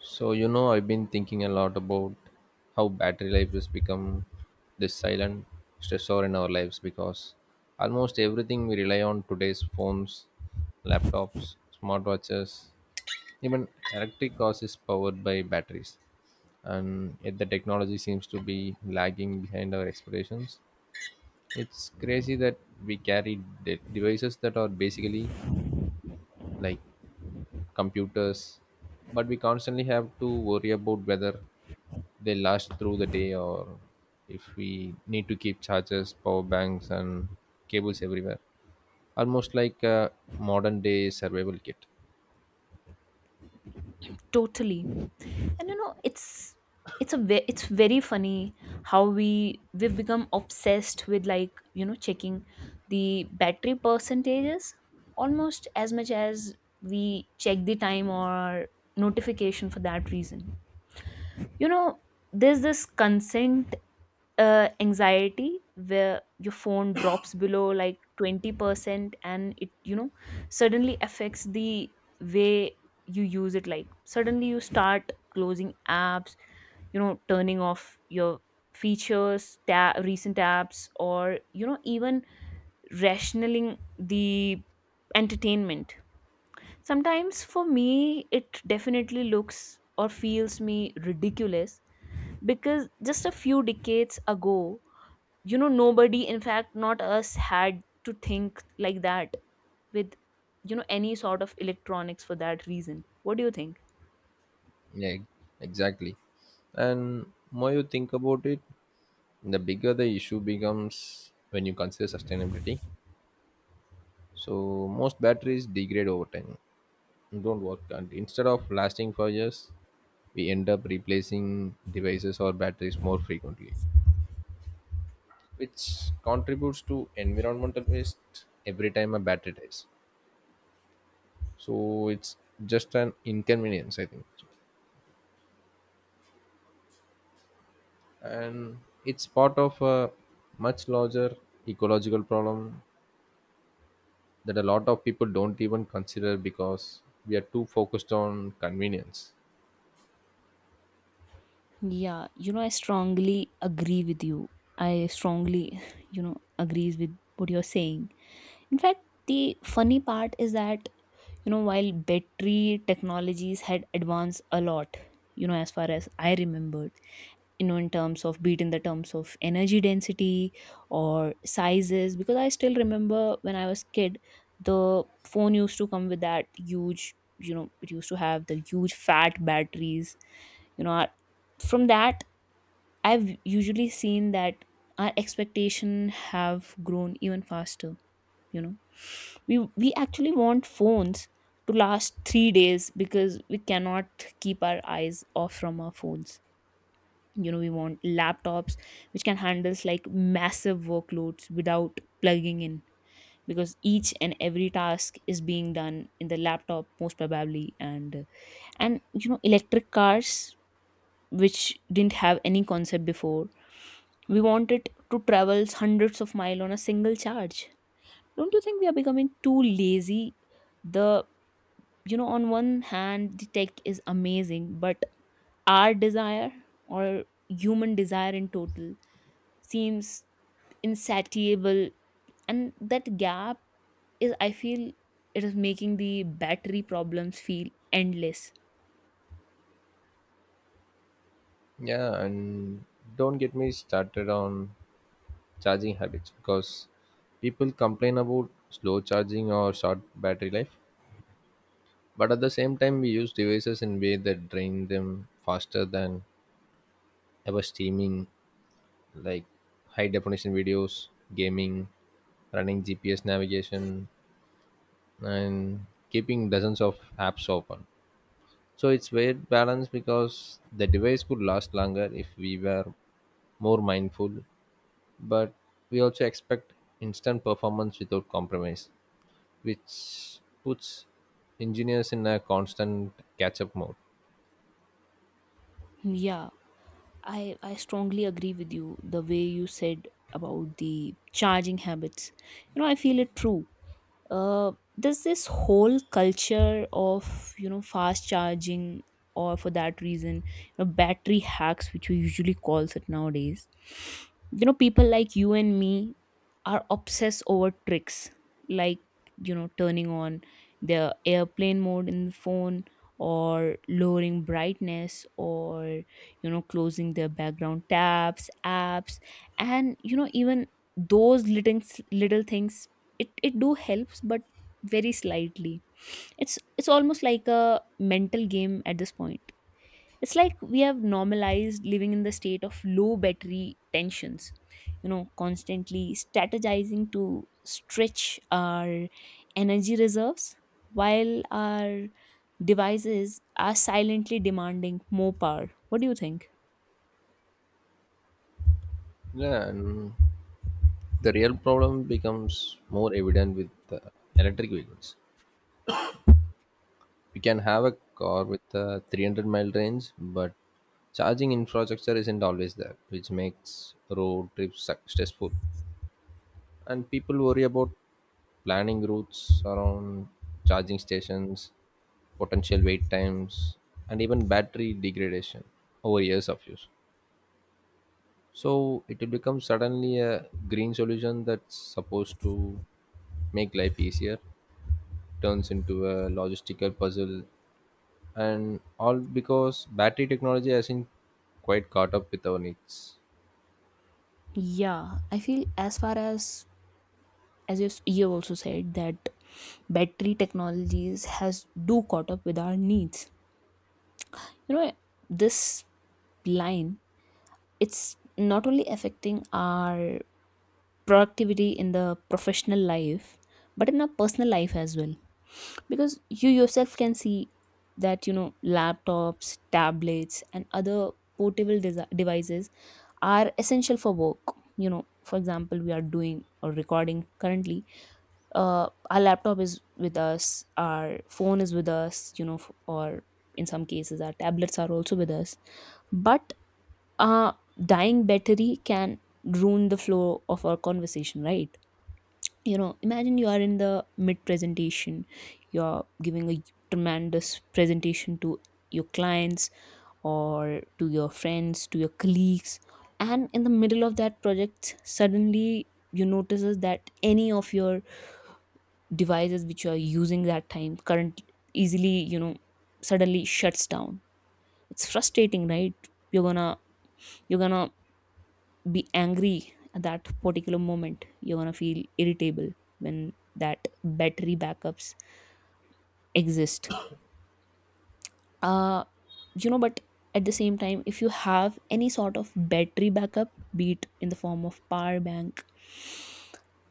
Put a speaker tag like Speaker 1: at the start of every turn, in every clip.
Speaker 1: So, you know, I've been thinking a lot about how battery life has become this silent stressor in our lives because almost everything we rely on today's phones, laptops, smartwatches, even electric cars is powered by batteries. And yet the technology seems to be lagging behind our expectations. It's crazy that we carry devices that are basically like computers, but we constantly have to worry about whether they last through the day or if we need to keep chargers, power banks, and cables everywhere, almost like a modern day survival kit.
Speaker 2: Totally. And you know It's it's very funny how we've become obsessed with checking the battery percentages almost as much as we check the time or notification for that reason. you know there's this consent anxiety where your phone drops below like 20% and it suddenly affects the way you use it. Like suddenly you start closing apps, turning off your features, recent apps, or even rationaling the entertainment. Sometimes for me it definitely looks or feels me ridiculous, because just a few decades ago, nobody, in fact not us, had to think like that with any sort of electronics for that reason. What do you think?
Speaker 1: Yeah, exactly. And more you think about it, the bigger the issue becomes when you consider sustainability. So most batteries degrade over time, don't work, and instead of lasting for years we end up replacing devices or batteries more frequently, which contributes to environmental waste every time a battery dies. So it's just an inconvenience, I think. And it's part of a much larger ecological problem that a lot of people don't even consider because we are too focused on convenience.
Speaker 2: Yeah, I strongly agree with you. I strongly, you know, agrees with what you're saying. In fact, the funny part is that, while battery technologies had advanced a lot, as far as I remembered, in terms of, be it in the terms of energy density or sizes, because I still remember when I was kid, the phone used to come with that huge, it used to have the huge fat batteries. you know I- from that I've usually seen that our expectation have grown even faster. you know we we actually want phones to last 3 days because we cannot keep our eyes off from our phones. We want laptops which can handle like massive workloads without plugging in, because each and every task is being done in the laptop most probably. And electric cars, which didn't have any concept before, we want it to travel hundreds of miles on a single charge. Don't you think we are becoming too lazy? The you know On one hand the tech is amazing, but our desire, or human desire in total, seems insatiable. And that gap is, I feel, it is making the battery problems feel endless.
Speaker 1: Yeah, and don't get me started on charging habits, because people complain about slow charging or short battery life, but at the same time, we use devices in way that drain them faster than ever: streaming, like high definition videos, gaming, running GPS navigation, and keeping dozens of apps open. So it's weird balance because the device could last longer if we were more mindful, but we also expect instant performance without compromise, which puts engineers in a constant catch up mode.
Speaker 2: Yeah, I strongly agree with you the way you said about the charging habits. I feel it true. There's this whole culture of fast charging, or for that reason, battery hacks, which we usually calls it nowadays. People like you and me are obsessed over tricks like, turning on the airplane mode in the phone, or lowering brightness, or closing their background tabs apps. And even those little, things, it do helps, but very slightly. It's almost like a mental game at this point. It's like we have normalized living in the state of low battery tensions, constantly strategizing to stretch our energy reserves, while our devices are silently demanding more power. What do you think?
Speaker 1: Yeah, and the real problem becomes more evident with electric vehicles. You can have a car with a 300-mile range, but charging infrastructure isn't always there, which makes road trips stressful. And people worry about planning routes around charging stations, potential wait times, and even battery degradation over years of use. So it will become suddenly a green solution that's supposed to make life easier, turns into a logistical puzzle, and all because battery technology hasn't quite caught up with our needs.
Speaker 2: Yeah, I feel as far as you have also said that battery technologies has do caught up with our needs. You know, this line, it's not only affecting our productivity in the professional life, but in our personal life as well, because you yourself can see that laptops, tablets and other portable desi devices are essential for work. you know for example, we are doing or recording currently, our laptop is with us, our phone is with us, or in some cases our tablets are also with us. But a dying battery can ruin the flow of our conversation, right? Imagine you are in the mid presentation, you're giving a tremendous presentation to your clients, or to your friends, to your colleagues, and in the middle of that project suddenly you notices that any of your devices which you are using that time current easily, suddenly shuts down. It's frustrating, right? You're gonna be angry at that particular moment, you're gonna feel irritable when that battery backups exist. uh but at the same time, if you have any sort of battery backup, be it in the form of power bank,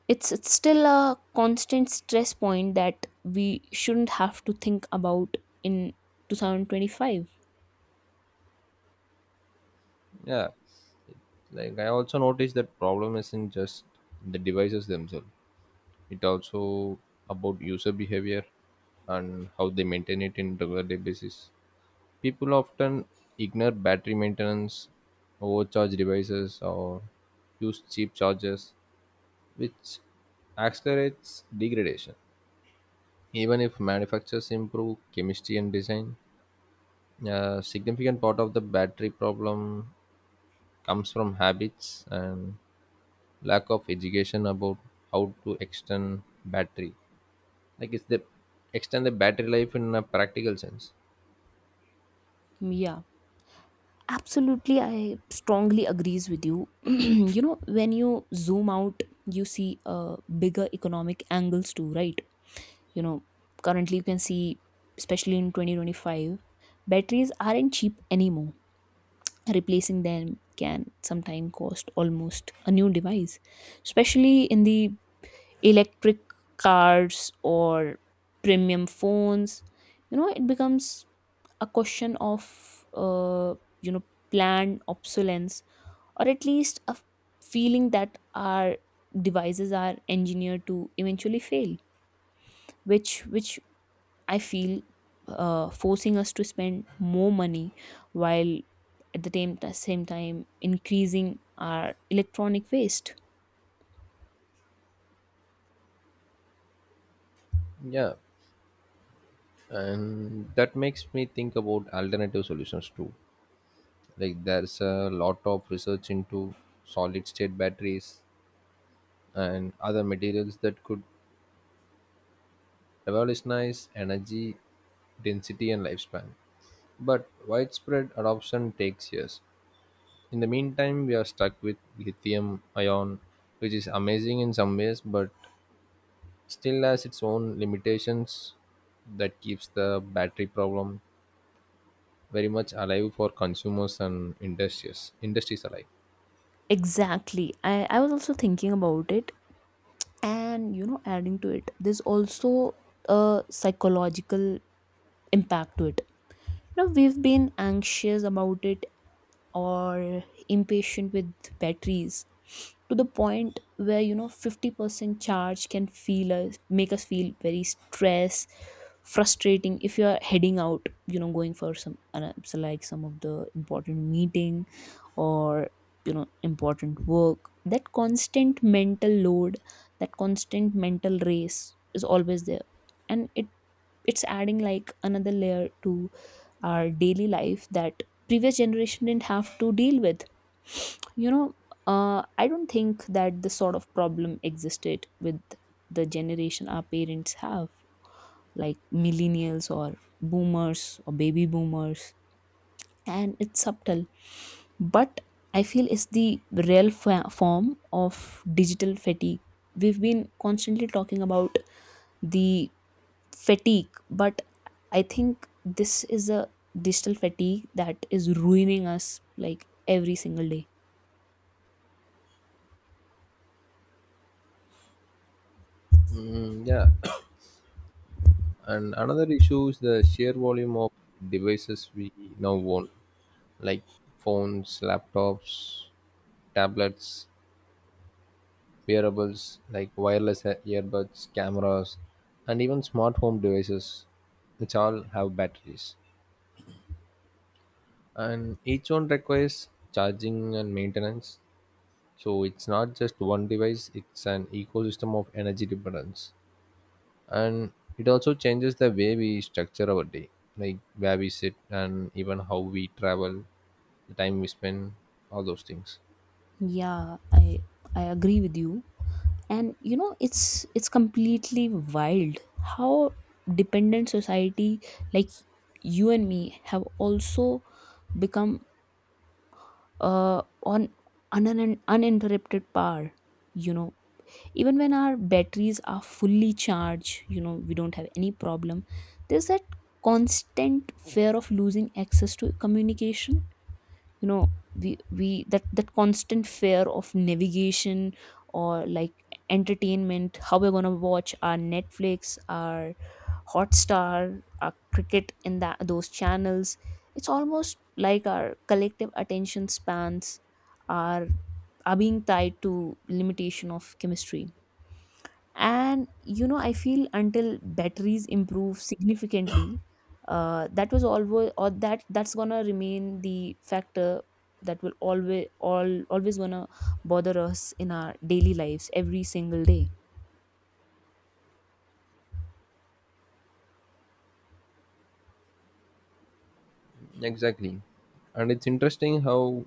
Speaker 2: it's still a constant stress point that we shouldn't have to think about in 2025.
Speaker 1: Yeah, like I also noticed that problem isn't just the devices themselves, it also about user behavior and how they maintain it in regular day basis. People often ignore battery maintenance, overcharge devices, or use cheap chargers, which accelerates degradation. Even if manufacturers improve chemistry and design, a significant part of the battery problem comes from habits and lack of education about how to extend battery. Like it's the extend the battery life in a practical sense.
Speaker 2: Yeah, absolutely, I strongly agrees with you. You know, when you zoom out, you see bigger economic angles too, right? You know, currently you can see, especially in 2025, batteries aren't cheap anymore. Replacing them can sometimes cost almost a new device, especially in the electric cars or premium phones. You know, it becomes a question of you know planned obsolescence, or at least a feeling that our devices are engineered to eventually fail, which I feel forcing us to spend more money, while at the same time increasing our electronic waste.
Speaker 1: Yeah, and that makes me think about alternative solutions too. Like there's a lot of research into solid state batteries and other materials that could revolutionize energy density and lifespan. But widespread adoption takes years. In the meantime, we are stuck with lithium ion, which is amazing in some ways, but still has its own limitations that keeps the battery problem very much alive for consumers and industries alike.
Speaker 2: Exactly. I was also thinking about it. And, you know, adding to it, there's also a psychological impact to it. You know, we've been anxious about it, or impatient with batteries, to the point where 50% charge can feel us make us feel very stressed, frustrating, if you are heading out, going for some some of the important meeting, or important work. That constant mental load, that constant mental race is always there, and it's adding like another layer to our daily life that previous generation didn't have to deal with. you know I don't think that this sort of problem existed with the generation our parents have, like millennials, or boomers, or baby boomers. And it's subtle, but I feel it's the real form of digital fatigue. We've been constantly talking about the fatigue, but I think this is a digital fatigue that is ruining us like every single day.
Speaker 1: Mm, yeah, and another issue is the sheer volume of devices we now own, like phones, laptops, tablets, wearables like wireless earbuds, cameras, and even smart home devices, which all have batteries. And each one requires charging and maintenance. So it's not just one device, it's an ecosystem of energy dependence. And it also changes the way we structure our day, like where we sit and even how we travel, the time we spend, all those things.
Speaker 2: Yeah, I agree with you. And you know, it's completely wild how dependent society, like you and me, have also become on an uninterrupted power. You know, even when our batteries are fully charged, we don't have any problem. There's that constant fear of losing access to communication, you know we, that constant fear of navigation, or like entertainment, how we're going to watch our Netflix, our Hotstar, our cricket in that those channels. It's almost like our collective attention spans are, being tied to limitation of chemistry. And you know, I feel until batteries improve significantly, that was always, or that's gonna remain the factor, that will always, all always gonna bother us in our daily lives every single day.
Speaker 1: Exactly. And it's interesting how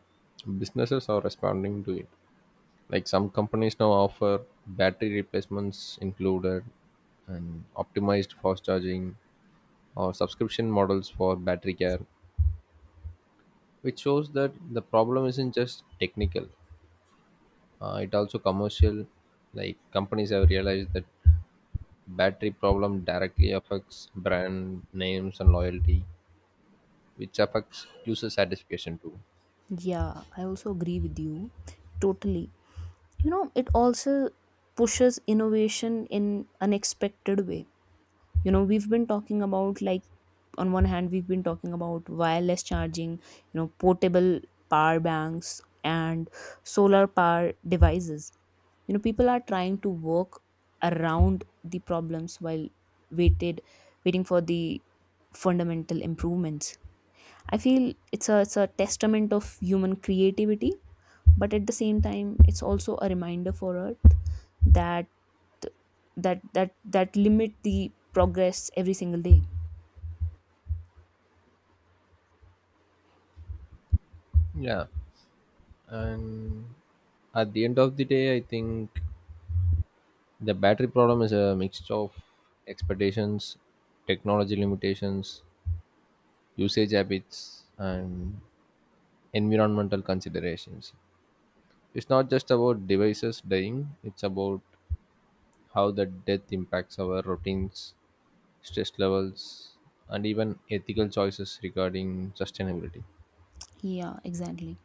Speaker 1: businesses are responding to it. Like some companies now offer battery replacements included and optimized fast charging or subscription models for battery care, which shows that the problem isn't just technical, it also commercial. Like companies have realized that battery problem directly affects brand names and loyalty, which affects user satisfaction too.
Speaker 2: Yeah, I also agree with you, totally. You know, it also pushes innovation in unexpected way. You know, we've been talking about, like, on one hand we've been talking about wireless charging, portable power banks, and solar power devices. You know, people are trying to work around the problems while waited waiting for the fundamental improvements. I feel it's a testament of human creativity, but at the same time, it's also a reminder for earth that that limit the progress every single day.
Speaker 1: Yeah, and at the end of the day, I think the battery problem is a mix of expectations, technology limitations, usage habits, and environmental considerations. It's not just about devices dying, it's about how the death impacts our routines, stress levels, and even ethical choices regarding sustainability.
Speaker 2: Yeah, exactly.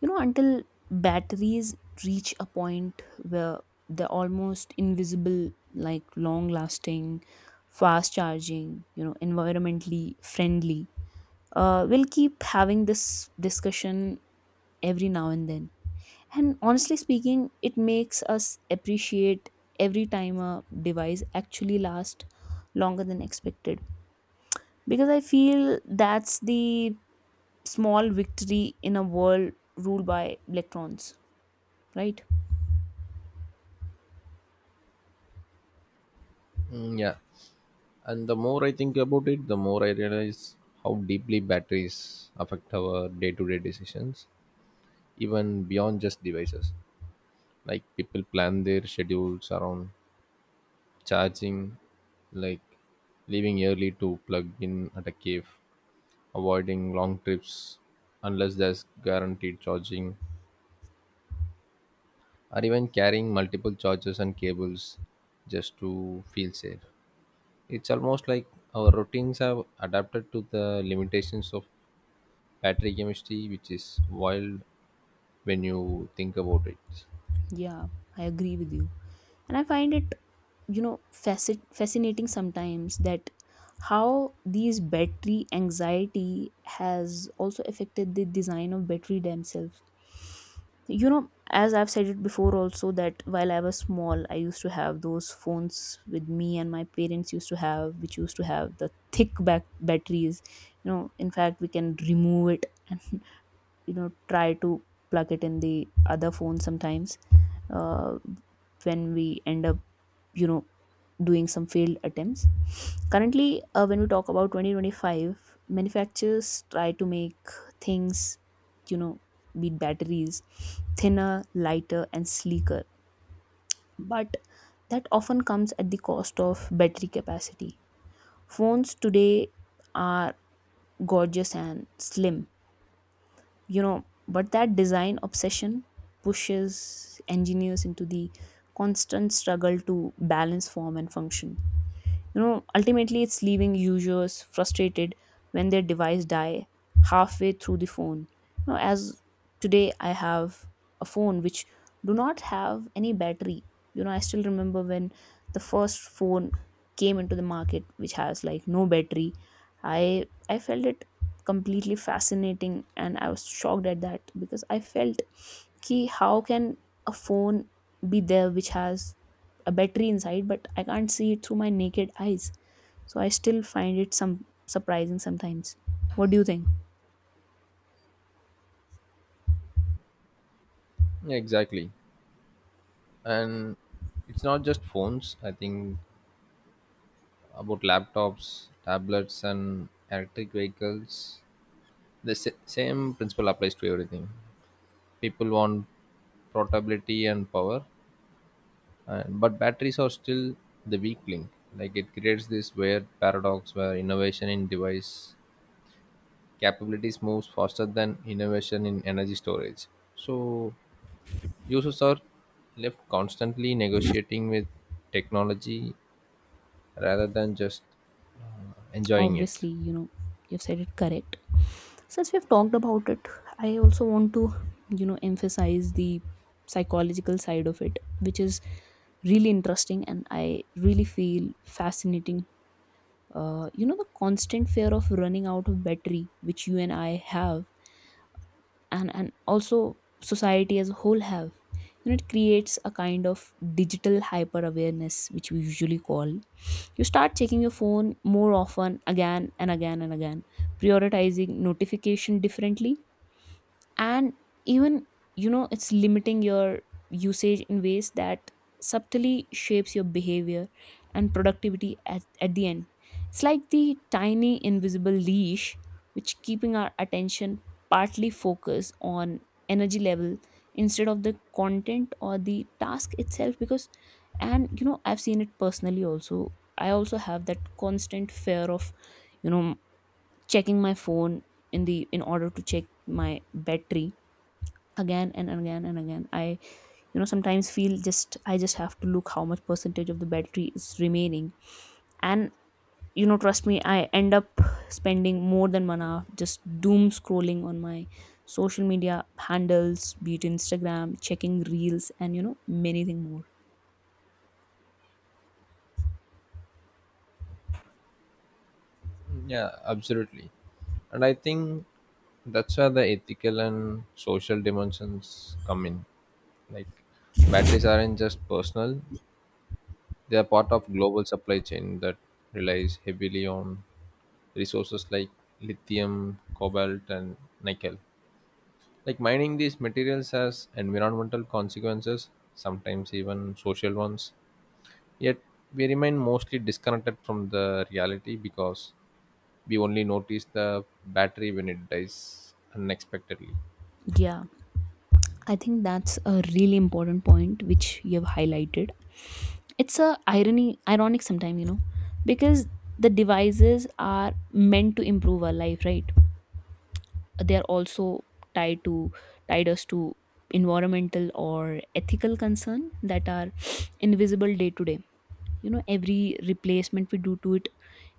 Speaker 2: You know, until batteries reach a point where they're almost invisible, like long lasting, fast charging, environmentally friendly, we'll keep having this discussion every now and then. And honestly speaking, it makes us appreciate every time a device actually lasts longer than expected, because I feel that's the small victory in a world ruled by electrons, right?
Speaker 1: Mm, yeah. And the more I think about it, the more I realize how deeply batteries affect our day to day decisions, even beyond just devices. Like people plan their schedules around charging, like leaving early to plug in at a cave, avoiding long trips unless there's guaranteed charging, or even carrying multiple chargers and cables just to feel safe. It's almost like our routines have adapted to the limitations of battery chemistry, which is wild when you think about it.
Speaker 2: Yeah, I agree with you. And I find it, you know, fascinating sometimes that how these battery anxiety has also affected the design of battery themselves. You know, as I've said it before also, that while I was small, I used to have those phones with me, and my parents used to have, which used to have the thick back batteries. You know, in fact, we can remove it and, try to plug it in the other phone sometimes uh, when we end up you know doing some failed attempts currently. When we talk about 2025, manufacturers try to make things, you know beat batteries, thinner, lighter and sleeker, but that often comes at the cost of battery capacity. Phones today are gorgeous and slim, you know, but that design obsession pushes engineers into the constant struggle to balance form and function. You know, ultimately it's leaving users frustrated when their device die halfway through the phone. You know, as today I have a phone which do not have any battery. You know, I still remember when the first phone came into the market which has like no battery. I felt it completely fascinating and I was shocked at that because I felt, key, how can a phone be there which has a battery inside but I can't see it through my naked eyes? So I still find it some surprising sometimes. What do you think?
Speaker 1: Yeah, exactly. And it's not just phones. I think about laptops, tablets, and electric vehicles. The same principle applies to everything. People want portability and power, and, but batteries are still the weak link. Like it creates this weird paradox where innovation in device capabilities moves faster than innovation in energy storage. So users are left constantly negotiating with technology rather than just enjoying it.
Speaker 2: Obviously, you know, you've said it correct. Since we've talked about it, I also want to, you know, emphasize the psychological side of it, which is really interesting and I really feel fascinating. You know, the constant fear of running out of battery, which you and I have, and also society as a whole have, you know, it creates a kind of digital hyper awareness, which we usually call. You start checking your phone more often, again and again and again, prioritizing notification differently, and even, you know, it's limiting your usage in ways that subtly shapes your behavior and productivity at the end. It's like the tiny invisible leash which keeping our attention partly focused on energy level instead of the content or the task itself, because, and you know, I've seen it personally also. I also have that constant fear of, you know, checking my phone in order to check my battery again and again and again. I, you know, sometimes feel just, I just have to look how much percentage of the battery is remaining. And you know, trust me, I end up spending more than 1 hour just doom scrolling on my social media handles, be it Instagram, checking reels, and you know, many thing more.
Speaker 1: Yeah, absolutely. And I think that's where the ethical and social dimensions come in. Like batteries aren't just personal, they are part of global supply chain that relies heavily on resources like lithium, cobalt, and nickel. Like mining these materials has environmental consequences, sometimes even social ones, yet we remain mostly disconnected from the reality because we only notice the battery when it dies unexpectedly.
Speaker 2: Yeah, I think that's a really important point which you have highlighted. It's a irony ironic sometimes, you know, because the devices are meant to improve our life, right? They are also tied to tied us to environmental or ethical concern that are invisible day to day. You know, every replacement we do to it,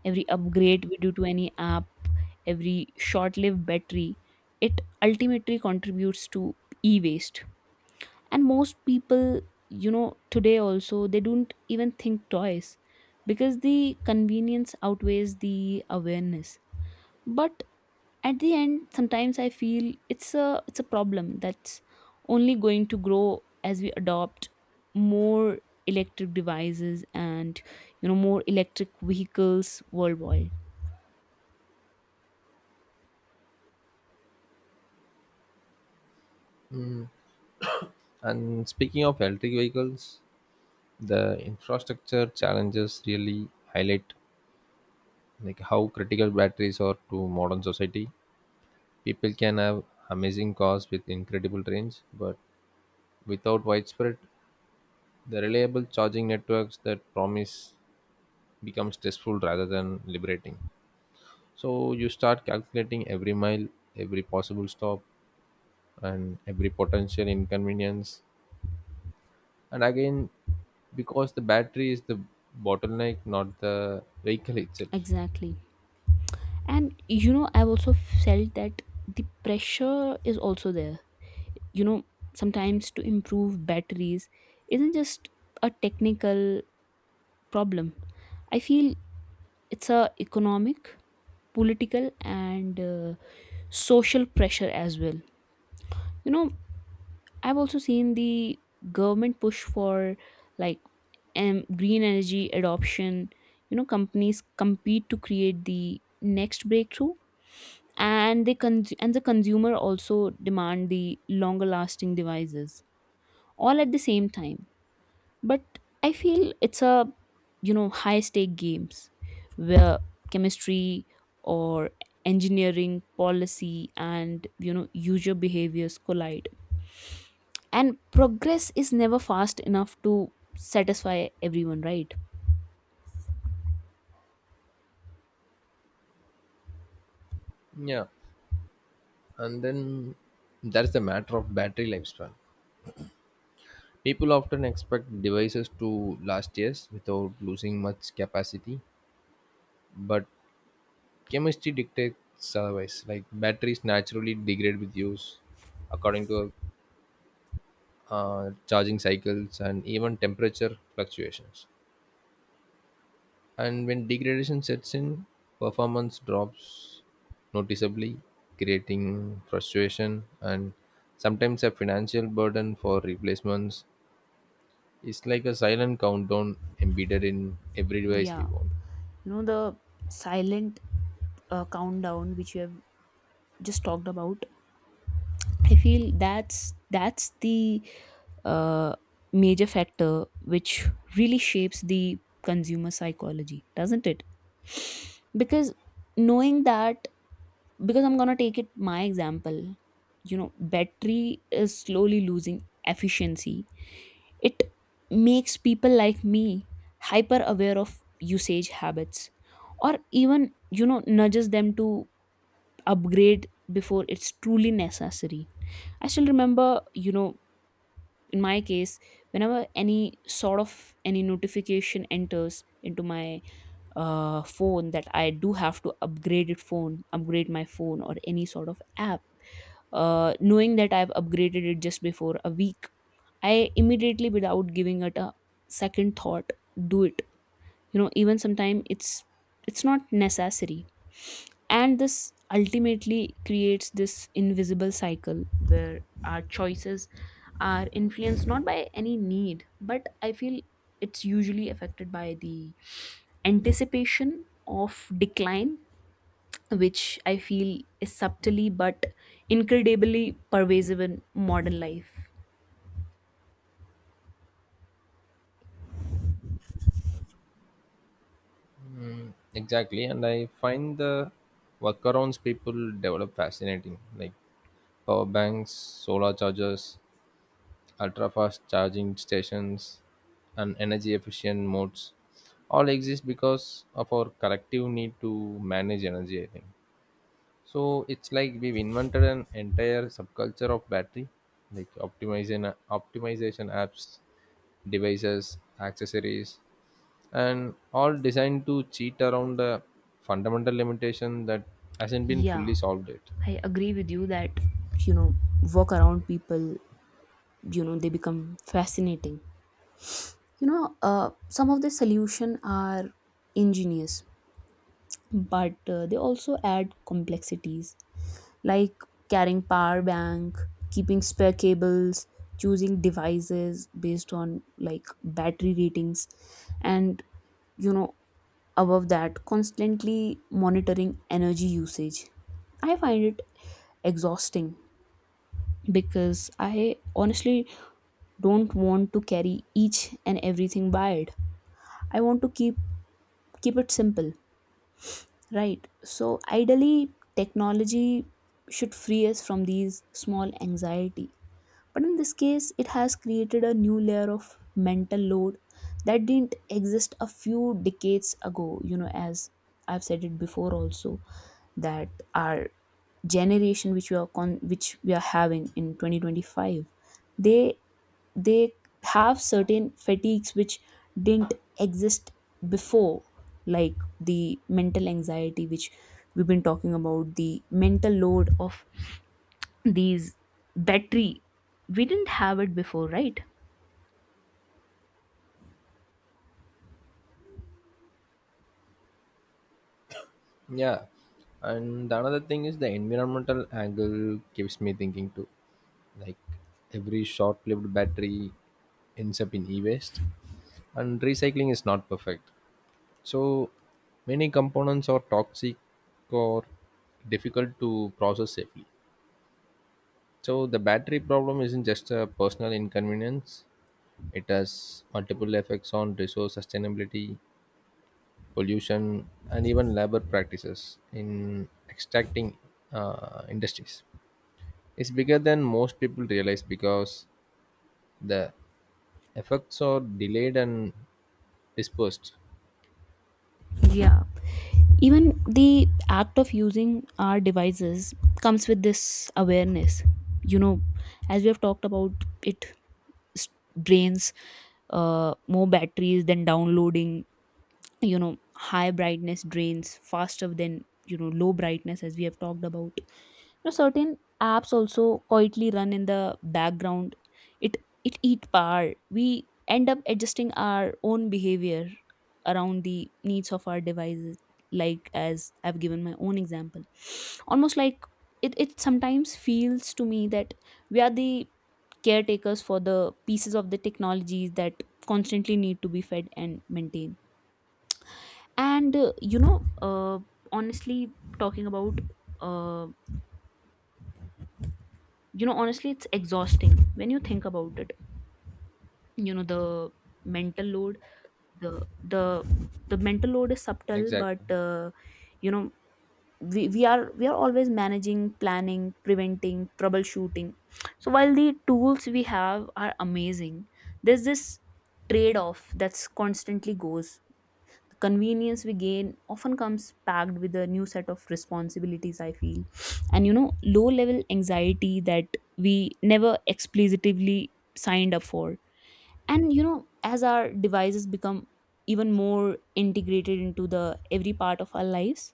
Speaker 2: every upgrade we do to any app, every short lived battery, it ultimately contributes to e waste. And most people, you know, today also they don't even think twice, because the convenience outweighs the awareness. But at the end, sometimes I feel it's a, it's a problem that's only going to grow as we adopt more electric devices and, you know, more electric vehicles worldwide.
Speaker 1: And speaking of electric vehicles, the infrastructure challenges really highlight like how critical batteries are to modern society. People can have amazing cars with incredible range, but without widespread, the reliable charging networks that promise become stressful rather than liberating. So you start calculating every mile, every possible stop, and every potential inconvenience, and again, because the battery is the bottleneck, not the vehicle itself.
Speaker 2: Exactly. And you know, I've also felt that the pressure is also there. You know, sometimes to improve batteries isn't just a technical problem. I feel it's a economic, political, and social pressure as well. You know, I've also seen the government push for, like, green energy adoption. You know, companies compete to create the next breakthrough, and and the consumer also demand the longer lasting devices all at the same time. But I feel it's a, you know, high stake games where chemistry or engineering, policy, and you know, user behaviors collide, and progress is never fast enough to satisfy everyone, right?
Speaker 1: Yeah, and then that's the matter of battery lifespan. People often expect devices to last years without losing much capacity, but chemistry dictates otherwise. Like batteries naturally degrade with use according to charging cycles and even temperature fluctuations. And when degradation sets in, performance drops noticeably, creating frustration and sometimes a financial burden for replacements. It's like a silent countdown embedded in every device we
Speaker 2: Yeah,
Speaker 1: want.
Speaker 2: you know, the silent, countdown which you have just talked about, I feel that's the uh, major factor which really shapes the consumer psychology, doesn't it? Because knowing that, because I'm gonna take it my example, you know, battery is slowly losing efficiency. It makes people like me hyper aware of usage habits, or even, you know, nudges them to upgrade before it's truly necessary. I still remember, you know, in my case, whenever any sort of any notification enters into my phone that I do have to upgrade upgrade my phone or any sort of app, knowing that I've upgraded it just before a week, I immediately, without giving it a second thought, do it. You know, even sometimes it's not necessary. And this ultimately creates this invisible cycle where our choices are influenced not by any need, but I feel it's usually affected by the anticipation of decline, which I feel is subtly but incredibly pervasive in modern life.
Speaker 1: Exactly, and I find the workarounds people develop fascinating, like power banks, solar chargers, ultra-fast charging stations, and energy-efficient modes all exist because of our collective need to manage energy. I think so. It's like we've invented an entire subculture of battery, like optimization apps, devices, accessories, and all designed to cheat around the fundamental limitation that hasn't been
Speaker 2: Yeah,
Speaker 1: fully solved yet.
Speaker 2: I agree with you that, you know, walk around people, you know, they become fascinating. You know, some of the solution are ingenious, but they also add complexities like carrying power bank, keeping spare cables, choosing devices based on like battery ratings and, you know, above that, constantly monitoring energy usage. I find it exhausting, because I honestly don't want to carry each and everything wired. I want to keep it simple, right? So ideally technology should free us from these small anxiety, but in this case, it has created a new layer of mental load that didn't exist a few decades ago. You know, as I've said it before also, that our generation which which we are having in 2025, they they have certain fatigues which didn't exist before, like the mental anxiety which we've been talking about, the mental load of these battery, we didn't have it before, right?
Speaker 1: Yeah, and the another thing is the environmental angle keeps me thinking too. Like every short-lived battery ends up in e-waste, and recycling is not perfect, so many components are toxic or difficult to process safely. So the battery problem isn't just a personal inconvenience, it has multiple effects on resource sustainability, pollution, and even labor practices in extracting, industries. It's bigger than most people realize because the effects are delayed and dispersed.
Speaker 2: Yeah. Even the act of using our devices comes with this awareness. You know, as we have talked about, it s- drains more batteries than downloading. You know, high brightness drains faster than, you know, low brightness, as we have talked about. Now, certain apps also quietly run in the background. It it eat power. We end up adjusting our own behavior around the needs of our devices. Like as I've given my own example, almost like it sometimes feels to me that we are the caretakers for the pieces of the technologies that constantly need to be fed and maintained. And you know, honestly, talking about uh, you know honestly, it's exhausting when you think about it. You know, the mental load, the the the mental load is subtle, but
Speaker 1: Exactly.
Speaker 2: you know, we are always managing, planning, preventing, troubleshooting. So while the tools we have are amazing, there's this trade off that's constantly goes. Convenience we gain often comes packed with a new set of responsibilities, I feel, and you know, low level anxiety that we never explicitly signed up for. And you know, as our devices become even more integrated into the every part of our lives,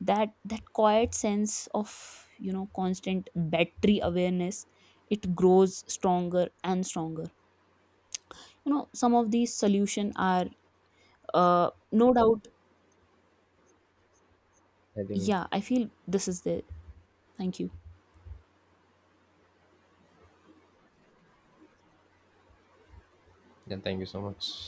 Speaker 2: that quiet sense of, you know, constant battery awareness, it grows stronger and stronger. You know, some of these solution are, no doubt.
Speaker 1: I think
Speaker 2: Yeah, I feel this is the. Thank you.
Speaker 1: then thank you so much.